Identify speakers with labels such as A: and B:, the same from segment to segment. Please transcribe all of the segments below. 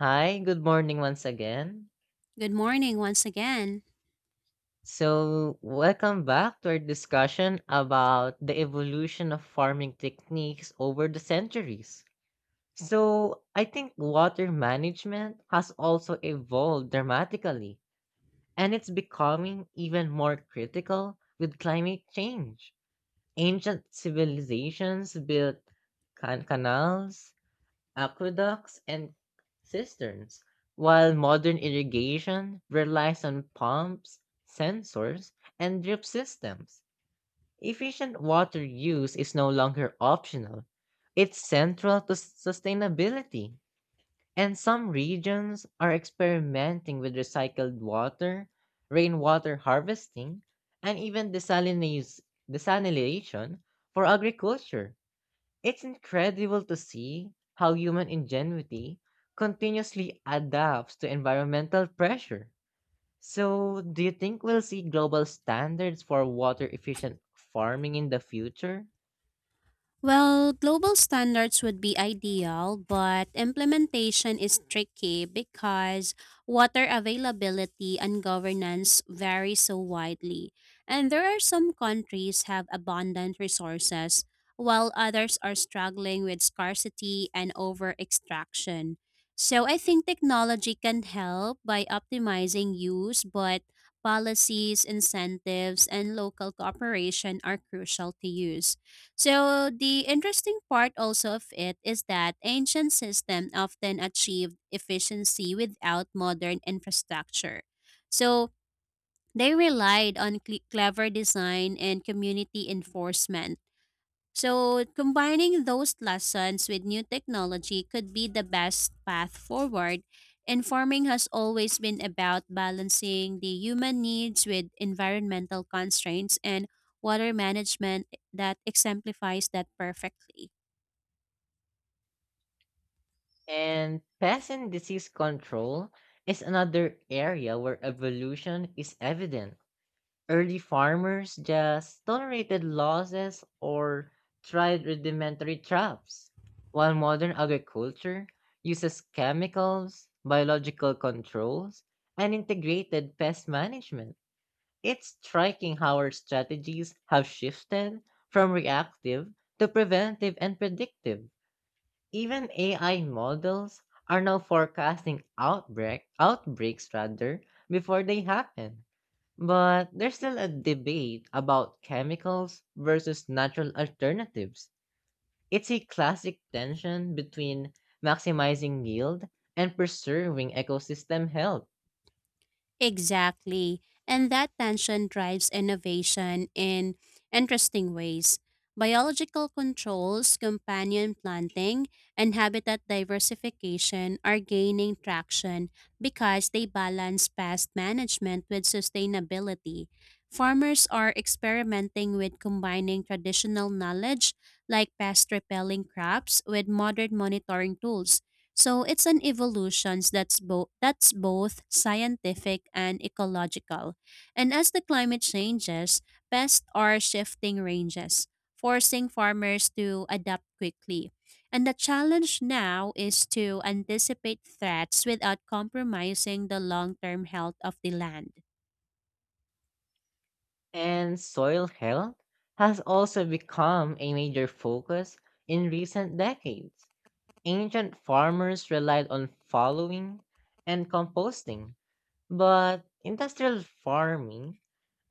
A: Hi, good morning once again.
B: Good morning once again.
A: So, welcome back to our discussion about the evolution of farming techniques over the centuries. So, I think water management has also evolved dramatically, and it's becoming even more critical with climate change. Ancient civilizations built canals, aqueducts, and cisterns, while modern irrigation relies on pumps, sensors, and drip systems. Efficient water use is no longer optional, it's central to sustainability. And some regions are experimenting with recycled water, rainwater harvesting, and even desalination for agriculture. It's incredible to see how human ingenuity continuously adapts to environmental pressure. So, do you think we'll see global standards for water efficient farming in the future?
B: Well, global standards would be ideal, but implementation is tricky because water availability and governance vary so widely. And there are some countries have abundant resources, while others are struggling with scarcity and over extraction. So I think technology can help by optimizing use, but policies, incentives, and local cooperation are crucial to use. So the interesting part also of it is that ancient systems often achieved efficiency without modern infrastructure. So they relied on clever design and community enforcement so, combining those lessons with new technology could be the best path forward. And farming has always been about balancing the human needs with environmental constraints and water management that exemplifies that perfectly.
A: And pest and disease control is another area where evolution is evident. Early farmers just tolerated losses or tried rudimentary traps, while modern agriculture uses chemicals, biological controls, and integrated pest management. It's striking how our strategies have shifted from reactive to preventive and predictive. Even AI models are now forecasting outbreaks rather before they happen. But there's still a debate about chemicals versus natural alternatives. It's a classic tension between maximizing yield and preserving ecosystem health.
B: Exactly. And that tension drives innovation in interesting ways. Biological controls, companion planting, and habitat diversification are gaining traction because they balance pest management with sustainability. Farmers are experimenting with combining traditional knowledge like pest repelling crops with modern monitoring tools so it's an evolution that's both scientific and ecological. And as the climate changes, pests are shifting ranges, forcing farmers to adapt quickly. And the challenge now is to anticipate threats without compromising the long-term health of the land.
A: And soil health has also become a major focus in recent decades. Ancient farmers relied on following and composting, but industrial farming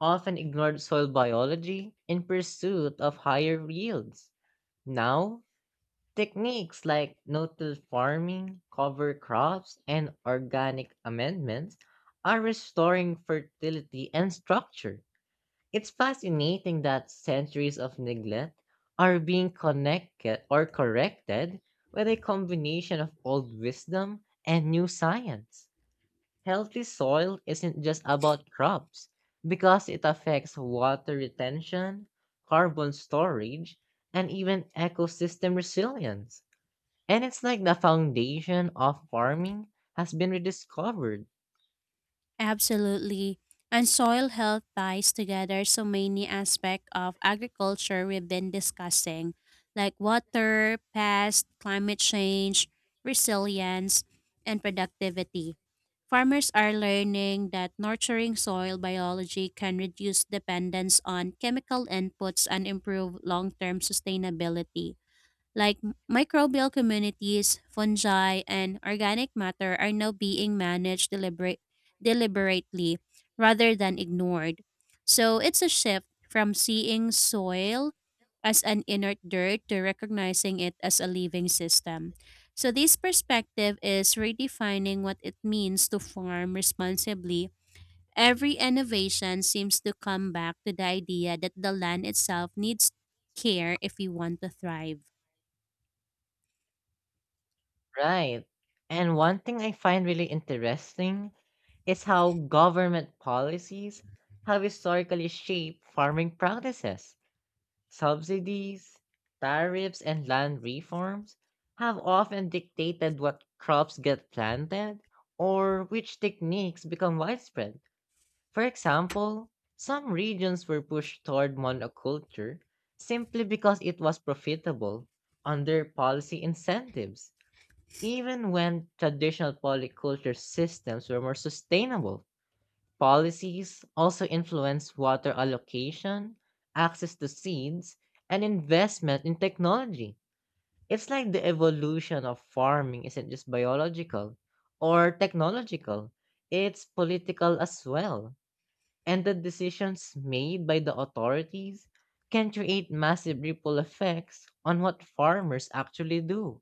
A: often ignored soil biology in pursuit of higher yields. Now, techniques like no-till farming, cover crops, and organic amendments are restoring fertility and structure. It's fascinating that centuries of neglect are being connected or corrected with a combination of old wisdom and new science. Healthy soil isn't just about crops because it affects water retention, carbon storage, and even ecosystem resilience. And it's like the foundation of farming has been rediscovered.
B: Absolutely. And soil health ties together so many aspects of agriculture we've been discussing, like water, pest, climate change, resilience, and productivity. Farmers are learning that nurturing soil biology can reduce dependence on chemical inputs and improve long term sustainability like microbial communities, fungi, and organic matter are now being managed deliberately rather than ignored. So it's a shift from seeing soil as an inert dirt to recognizing it as a living system. So this perspective is redefining what it means to farm responsibly. Every innovation seems to come back to the idea that the land itself needs care if we want to thrive.
A: Right. And one thing I find really interesting is how government policies have historically shaped farming practices. Subsidies, tariffs, and land reforms have often dictated what crops get planted or which techniques become widespread. For example, some regions were pushed toward monoculture simply because it was profitable under policy incentives, even when traditional polyculture systems were more sustainable. Policies also influence water allocation, access to seeds, and investment in technology. It's like the evolution of farming isn't just biological or technological, it's political as well. And the decisions made by the authorities can create massive ripple effects on what farmers actually do.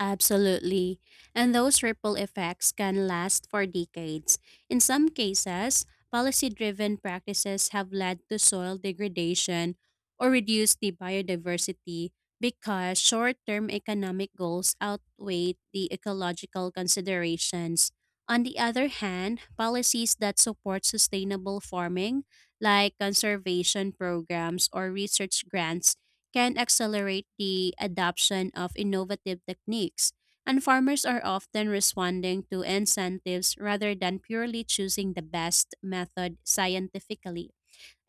B: Absolutely. And those ripple effects can last for decades. In some cases, policy driven practices have led to soil degradation or reduced the biodiversity because short term economic goals outweigh the ecological considerations. On the other hand, policies that support sustainable farming, like conservation programs or research grants, can accelerate the adoption of innovative techniques, and farmers are often responding to incentives rather than purely choosing the best method scientifically.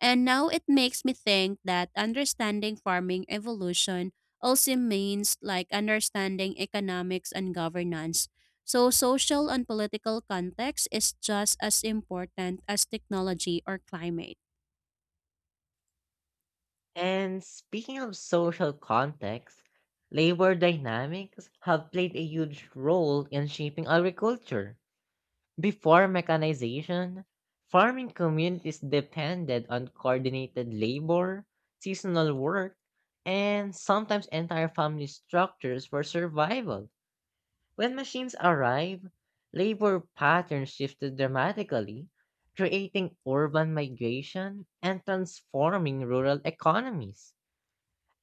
B: And now it makes me think that understanding farming evolution also means like understanding economics and governance. So social and political context is just as important as technology or climate.
A: And speaking of social context, labor dynamics have played a huge role in shaping agriculture. Before mechanization, farming communities depended on coordinated labor, seasonal work, and sometimes entire family structures for survival. When machines arrived, labor patterns shifted dramatically, creating urban migration and transforming rural economies.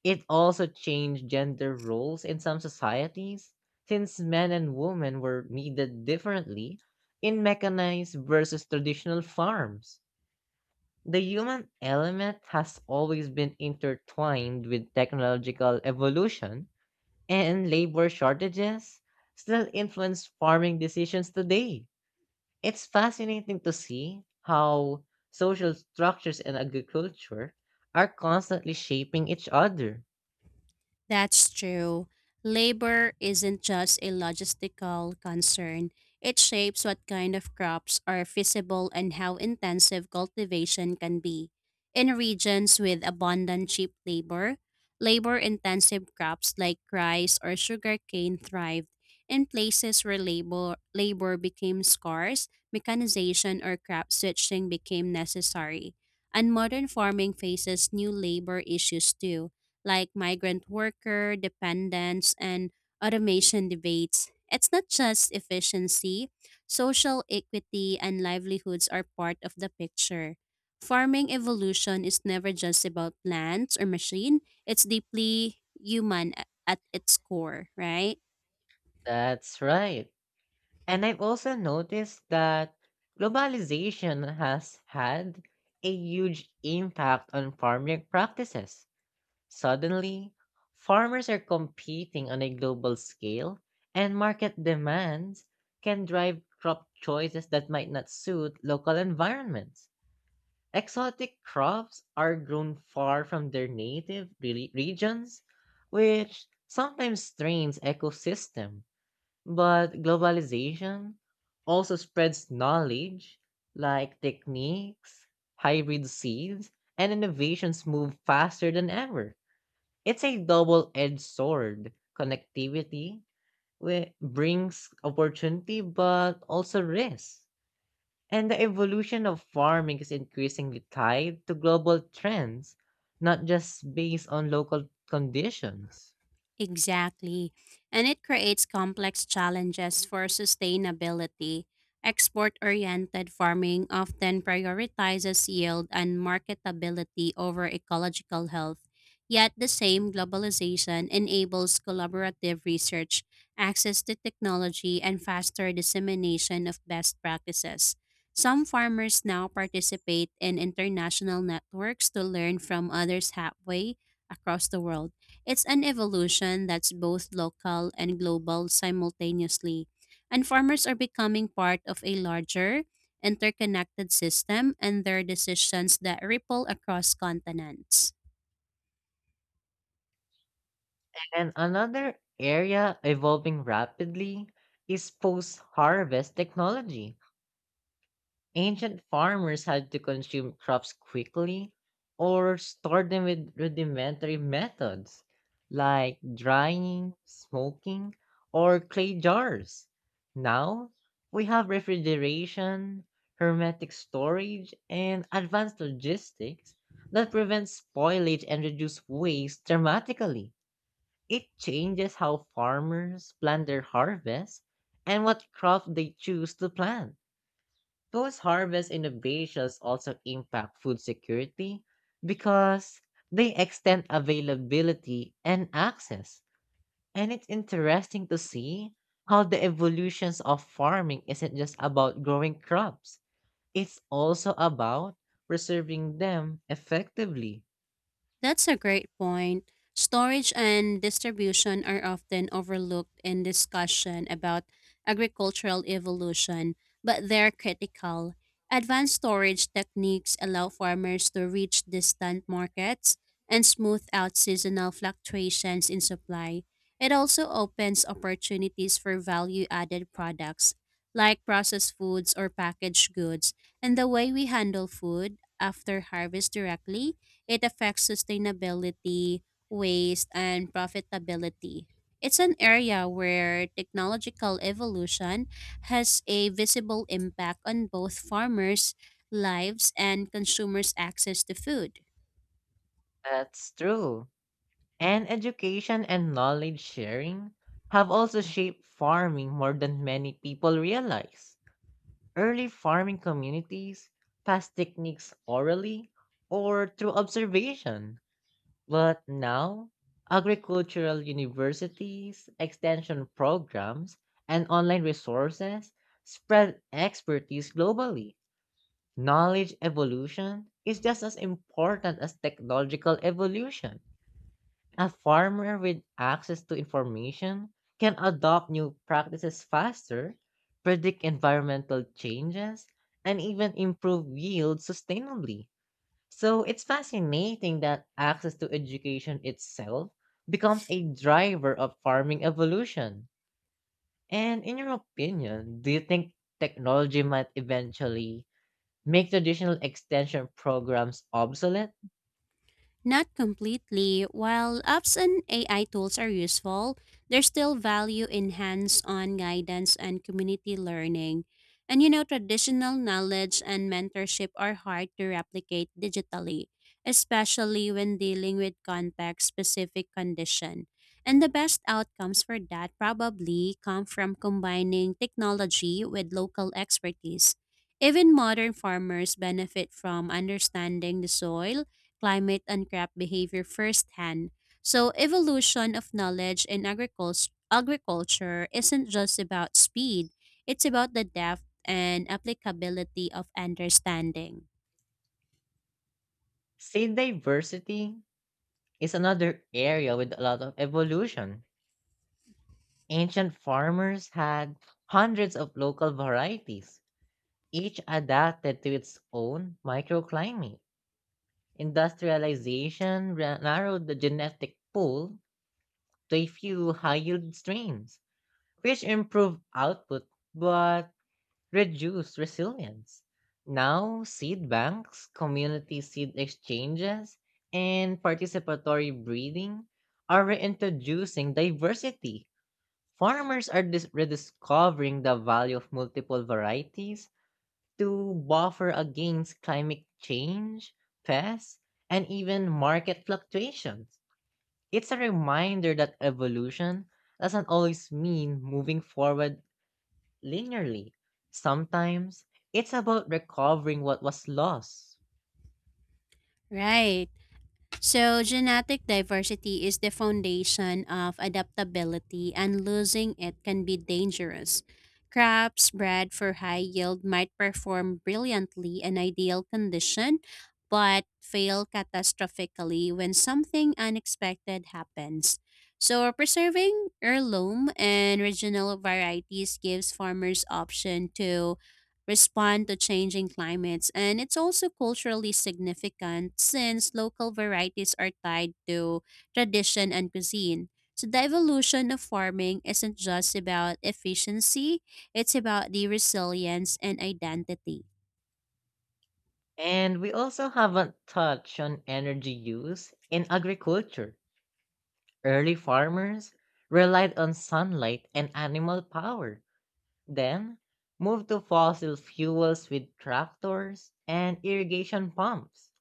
A: It also changed gender roles in some societies, since men and women were needed differently in mechanized versus traditional farms. The human element has always been intertwined with technological evolution, and labor shortages still influence farming decisions today. It's fascinating to see how social structures and agriculture are constantly shaping each other.
B: That's true. Labor isn't just a logistical concern, it shapes what kind of crops are feasible and how intensive cultivation can be. In regions with abundant cheap labor, labor intensive crops like rice or sugarcane thrived. In places where labor became scarce, mechanization or crop switching became necessary. And modern farming faces new labor issues too like migrant worker, dependence, and automation debates. It's not just efficiency, social equity and livelihoods are part of the picture. Farming evolution is never just about plants or machine, it's deeply human at its core, right?
A: That's right. And I've also noticed that globalization has had a huge impact on farming practices. Suddenly, farmers are competing on a global scale, and market demands can drive crop choices that might not suit local environments. Exotic crops are grown far from their native regions, which sometimes strains ecosystem, but globalization also spreads knowledge like techniques, hybrid seeds, and innovations move faster than ever. It's a double edged sword. Connectivity brings opportunity but also risks. And the evolution of farming is increasingly tied to global trends, not just based on local conditions.
B: Exactly. And it creates complex challenges for sustainability. Export oriented farming often prioritizes yield and marketability over ecological health. Yet, the same globalization enables collaborative research, access to technology, and faster dissemination of best practices. Some farmers now participate in international networks to learn from others halfway across the world. It's an evolution that's both local and global simultaneously, and farmers are becoming part of a larger, interconnected system and their decisions that ripple across continents.
A: And another area evolving rapidly is post harvest technology. Ancient farmers had to consume crops quickly or store them with rudimentary methods like drying, smoking, or clay jars. Now we have refrigeration, hermetic storage, and advanced logistics that prevent spoilage and reduce waste dramatically. It changes how farmers plan their harvest and what crop they choose to plant. Those harvest innovations also impact food security because they extend availability and access. And it's interesting to see how the evolutions of farming isn't just about growing crops, it's also about preserving them effectively.
B: That's a great point. Storage and distribution are often overlooked in discussion about agricultural evolution, but they're critical. Advanced storage techniques allow farmers to reach distant markets and smooth out seasonal fluctuations in supply. It also opens opportunities for value added products like processed foods or packaged goods, and the way we handle food after harvest directly it affects sustainability, waste, and profitability. It's an area where technological evolution has a visible impact on both farmers' lives and consumers' access to food.
A: That's true. And education and knowledge sharing have also shaped farming more than many people realize. Early farming communities passed techniques orally or through observation, but now agricultural universities, extension programs, and online resources spread expertise globally. Knowledge evolution is just as important as technological evolution. A farmer with access to information can adopt new practices faster, predict environmental changes, and even improve yield sustainably. So it's fascinating that access to education itself becomes a driver of farming evolution. And in your opinion, do you think technology might eventually make traditional extension programs obsolete?
B: Not completely. While apps and AI tools are useful, there's still value in hands on guidance and community learning. And you know, traditional knowledge and mentorship are hard to replicate digitally, especially when dealing with context specific condition. And the best outcomes for that probably come from combining technology with local expertise. Even modern farmers benefit from understanding the soil climate and crop behavior firsthand. So evolution of knowledge in agriculture isn't just about speed, it's about the depth and applicability of understanding.
A: Say diversity is another area with a lot of evolution. Ancient farmers had hundreds of local varieties, each adapted to its own microclimate. Industrialization narrowed the genetic pool to a few high yield strains, which improved output but reduced resilience. Now, seed banks, community seed exchanges, and participatory breeding are reintroducing diversity. Farmers are rediscovering the value of multiple varieties to buffer against climate change, pests, and even market fluctuations. It's a reminder that evolution doesn't always mean moving forward linearly. Sometimes it's about recovering what was lost.
B: Right. So, genetic diversity is the foundation of adaptability, and losing it can be dangerous. Crops bred for high yield might perform brilliantly in ideal condition, but fail catastrophically when something unexpected happens. So, preserving heirloom and regional varieties gives farmers option to respond to changing climates. And it's also culturally significant since local varieties are tied to tradition and cuisine. So the evolution of farming isn't just about efficiency, it's about the resilience and identity.
A: And we also haven't touched on energy use in agriculture. Early farmers relied on sunlight and animal power, then moved to fossil fuels with tractors and irrigation pumps.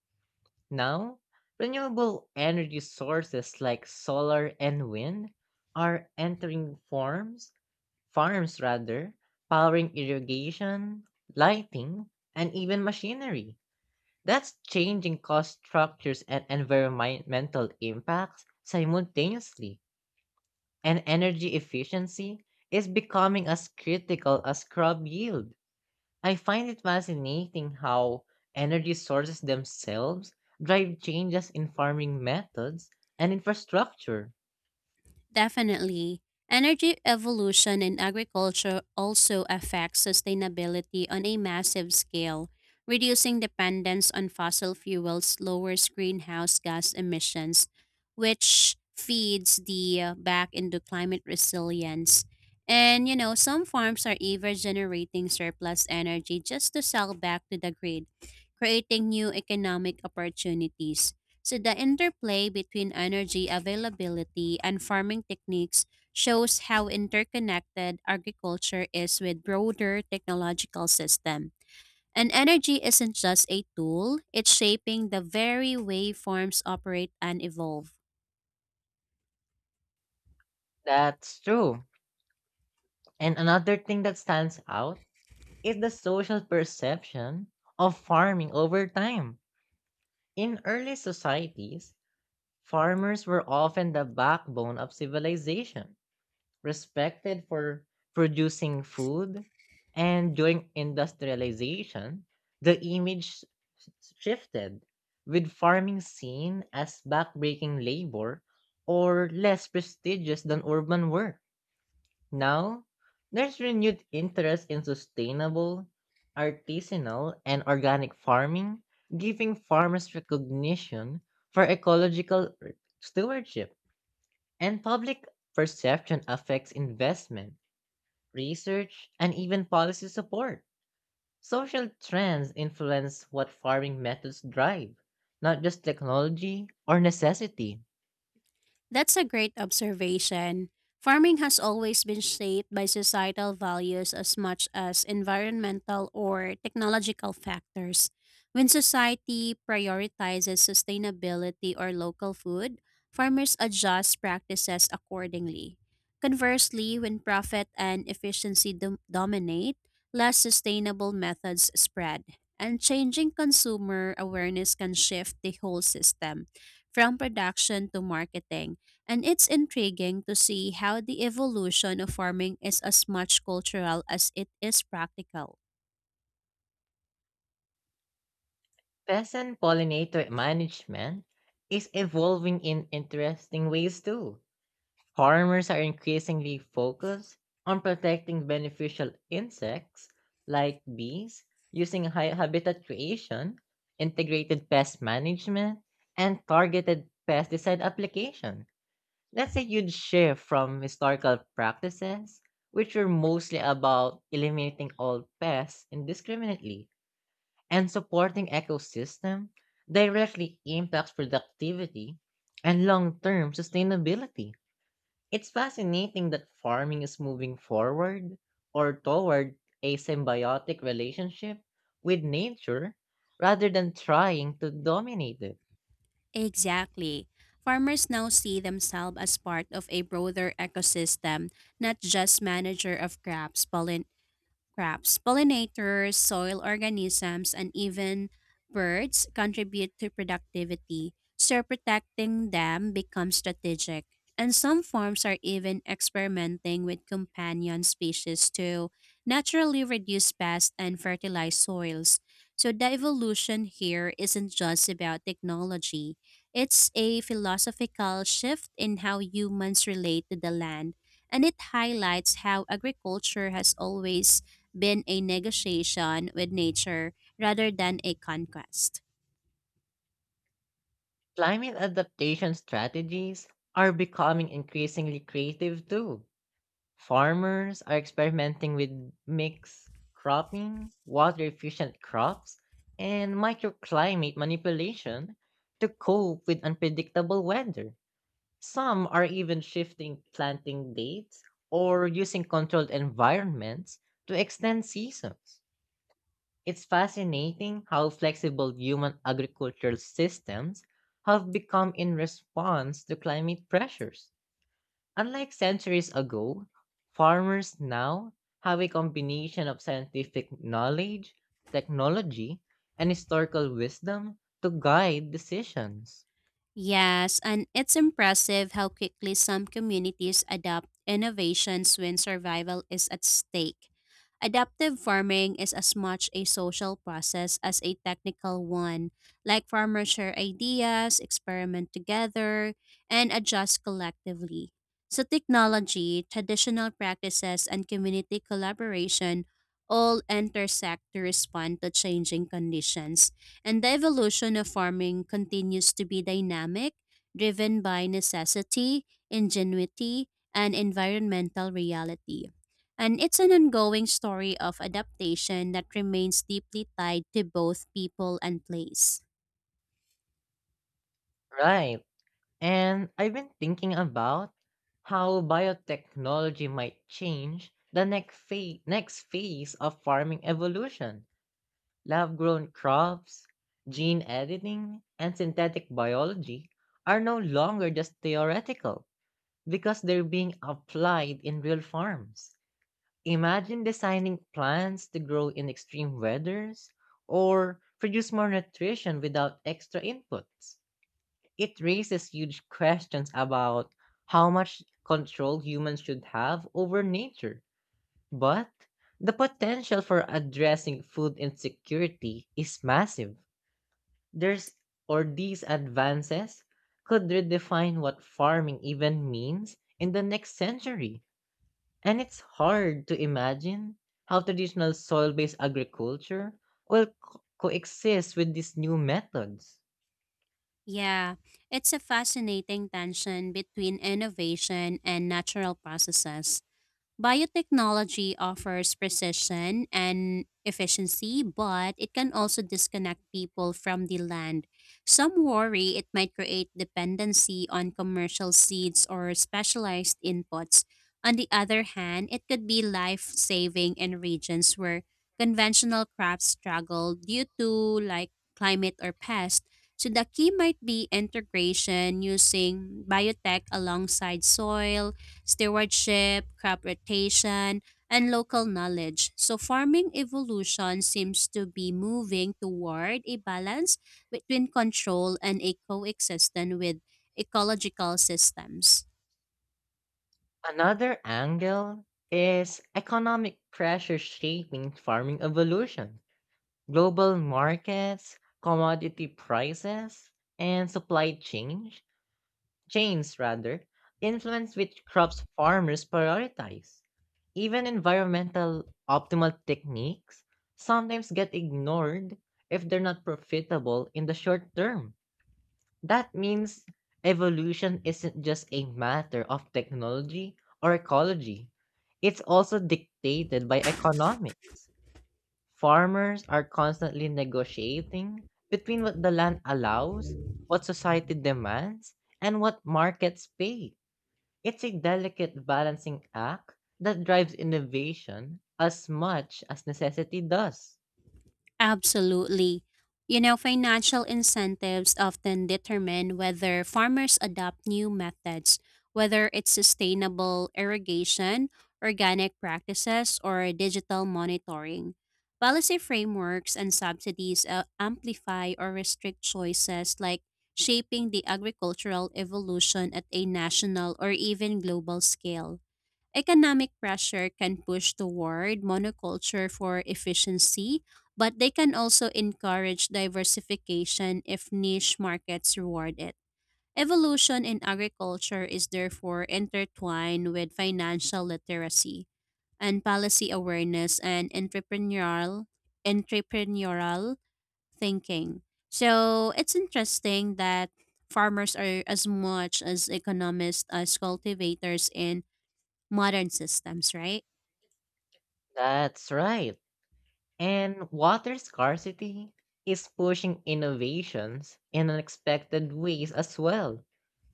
A: Now, renewable energy sources like solar and wind are entering farms, farms rather, powering irrigation, lighting, and even machinery. That's changing cost structures and environmental impacts simultaneously, and energy efficiency is becoming as critical as crop yield. I find it fascinating how energy sources themselves drive changes in farming methods and infrastructure.
B: Definitely. Energy evolution in agriculture also affects sustainability on a massive scale. Reducing dependence on fossil fuels lowers greenhouse gas emissions, which feeds the back into climate resilience. And you know, some farms are even generating surplus energy just to sell back to the grid, creating new economic opportunities. So the interplay between energy availability and farming techniques shows how interconnected agriculture is with broader technological system. And energy isn't just a tool, it's shaping the very way farms operate and evolve.
A: That's true. And another thing that stands out is the social perception of farming over time. In early societies, farmers were often the backbone of civilization respected for producing food, and during industrialization, the image s- shifted, with farming seen as backbreaking labor or less prestigious than urban work. Now, there's renewed interest in sustainable, artisanal, and organic farming, giving farmers recognition for ecological stewardship. And public perception affects investment, research, and even policy support. Social trends influence what farming methods drive, not just technology or necessity.
B: That's a great observation. Farming has always been shaped by societal values as much as environmental or technological factors. When society prioritizes sustainability or local food, farmers adjust practices accordingly. Conversely, when profit and efficiency dominate, less sustainable methods spread. And changing consumer awareness can shift the whole system from production to marketing. And it's intriguing to see how the evolution of farming is as much cultural as it is practical.
A: Peasant pollinator management is evolving in interesting ways too. Farmers are increasingly focused on protecting beneficial insects like bees using habitat creation, integrated pest management, and targeted pesticide application. That's a huge shift from historical practices, which were mostly about eliminating all pests indiscriminately, and supporting ecosystem directly impacts productivity and long-term sustainability. It's fascinating that farming is moving forward or toward a symbiotic relationship with nature rather than trying to dominate it.
B: Exactly. Farmers now see themselves as part of a broader ecosystem, not just manager of Crops, pollinators, soil organisms, and even birds contribute to productivity, so protecting them becomes strategic. And some farms are even experimenting with companion species to naturally reduce pests and fertilize soils. So the evolution here isn't just about technology. It's a philosophical shift in how humans relate to the land and it highlights how agriculture has always been a negotiation with nature rather than a conquest.
A: Climate adaptation strategies are becoming increasingly creative too. Farmers are experimenting with mixed cropping, water efficient crops, and microclimate manipulation to cope with unpredictable weather. Some are even shifting planting dates or using controlled environments to extend seasons. It's fascinating how flexible human agricultural systems have become in response to climate pressures. Unlike centuries ago, farmers now have a combination of scientific knowledge, technology, and historical wisdom to guide decisions.
B: Yes, and it's impressive how quickly some communities adopt innovations when survival is at stake. Adaptive farming is as much a social process as a technical one. Like farmers share ideas, experiment together, and adjust collectively. So, technology, traditional practices, and community collaboration all intersect to respond to changing conditions. And the evolution of farming continues to be dynamic, driven by necessity, ingenuity, and environmental reality. And it's an ongoing story of adaptation that remains deeply tied to both people and place.
A: Right. And I've been thinking about how biotechnology might change the next phase of farming evolution. Lab grown crops, gene editing, and synthetic biology are no longer just theoretical because they're being applied in real farms. Imagine designing plants to grow in extreme weathers or produce more nutrition without extra inputs. It raises huge questions about how much control humans should have over nature. But the potential for addressing food insecurity is massive. There's or These advances could redefine what farming even means in the next century. And it's hard to imagine how traditional soil based agriculture will coexist with these new methods.
B: Yeah, it's a fascinating tension between innovation and natural processes. Biotechnology offers precision and efficiency, but it can also disconnect people from the land. Some worry it might create dependency on commercial seeds or specialized inputs. On the other hand, it could be life saving in regions where conventional crops struggle due to like climate or pests. So the key might be integration using biotech alongside soil stewardship, crop rotation, and local knowledge. So, farming evolution seems to be moving toward a balance between control and a coexistence with ecological systems.
A: Another angle is economic pressure shaping farming evolution. Global markets, commodity prices, and supply chain chains rather influence which crops farmers prioritize. Even environmental optimal techniques sometimes get ignored if they're not profitable in the short term. That means evolution isn't just a matter of technology or ecology, it's also dictated by economics. Farmers are constantly negotiating between what the land allows, what society demands, and what markets pay. It's a delicate balancing act that drives innovation as much as necessity does.
B: Absolutely. You know, financial incentives often determine whether farmers adopt new methods, whether it's sustainable irrigation, organic practices, or digital monitoring. Policy frameworks and subsidies amplify or restrict choices like shaping the agricultural evolution at a national or even global scale. Economic pressure can push toward monoculture for efficiency, but they can also encourage diversification if niche markets reward it. Evolution in agriculture is therefore intertwined with financial literacy and policy awareness and entrepreneurial thinking. So it's interesting that farmers are as much as economists as cultivators in modern systems, right?
A: That's right. And water scarcity is pushing innovations in unexpected ways as well.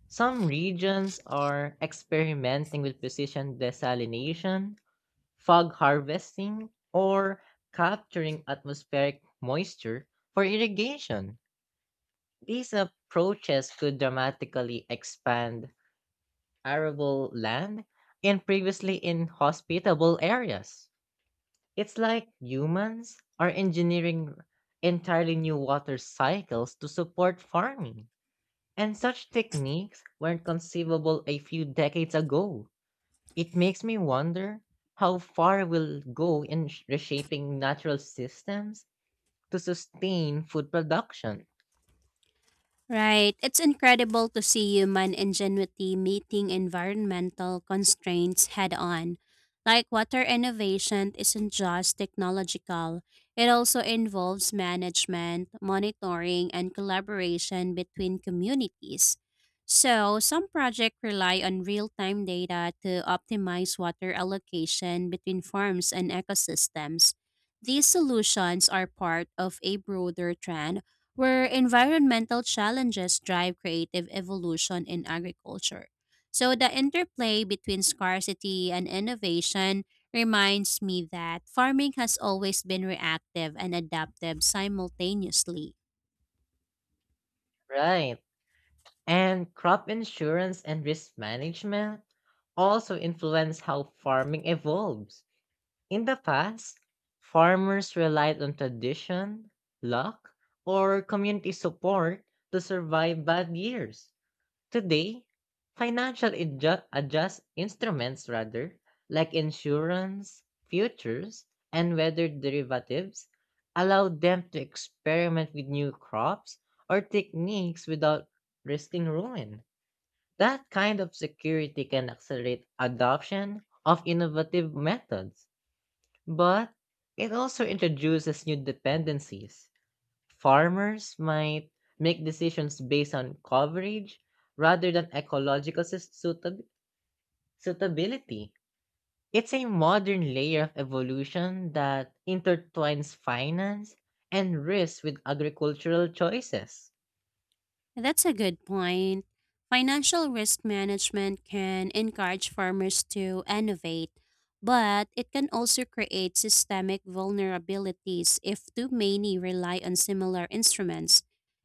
A: Some regions are experimenting with precision desalination, fog harvesting, or capturing atmospheric moisture for irrigation. These approaches could dramatically expand arable land in previously inhospitable areas. It's like humans are engineering entirely new water cycles to support farming. And such techniques weren't conceivable a few decades ago. It makes me wonder how far we'll go in reshaping natural systems to sustain food production.
B: Right. It's incredible to see human ingenuity meeting environmental constraints head on. Like water innovation isn't just technological, it also involves management, monitoring, and collaboration between communities. So, some projects rely on real time data to optimize water allocation between farms and ecosystems. These solutions are part of a broader trend where environmental challenges drive creative evolution in agriculture. So, the interplay between scarcity and innovation reminds me that farming has always been reactive and adaptive simultaneously.
A: Right. And crop insurance and risk management also influence how farming evolves. In the past, farmers relied on tradition, luck, or community support to survive bad years. Today, financial adjust instruments rather, like insurance, futures, and weather derivatives allow them to experiment with new crops or techniques without risking ruin. That kind of security can accelerate adoption of innovative methods, but it also introduces new dependencies. Farmers might make decisions based on coverage rather than ecological suitability. It's a modern layer of evolution that intertwines finance and risk with agricultural choices.
B: That's a good point. Financial risk management can encourage farmers to innovate, but it can also create systemic vulnerabilities if too many rely on similar instruments.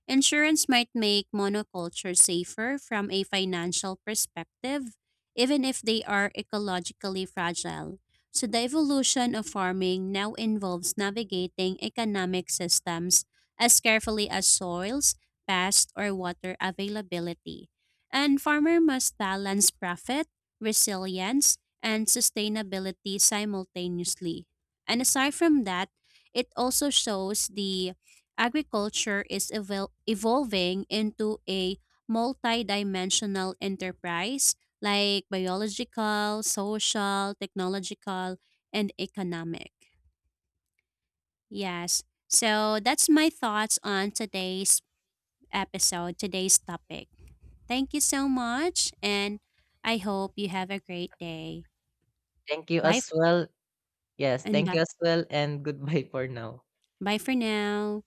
B: Insurance might make monoculture safer from a financial perspective, even if they are ecologically fragile. So, the evolution of farming now involves navigating economic systems as carefully as soils pest, or water availability. And farmer must balance profit, resilience, and sustainability simultaneously. And aside from that, it also shows the agriculture is evolving into a multidimensional enterprise like biological, social, technological, and economic. Yes. So that's my thoughts on today's topic. Thank you so much, and I hope you have a great day.
A: Thank you
B: Bye f-
A: as well. Yes,
B: and
A: thank you
B: bye,
A: as well, and goodbye for now.
B: bye for now.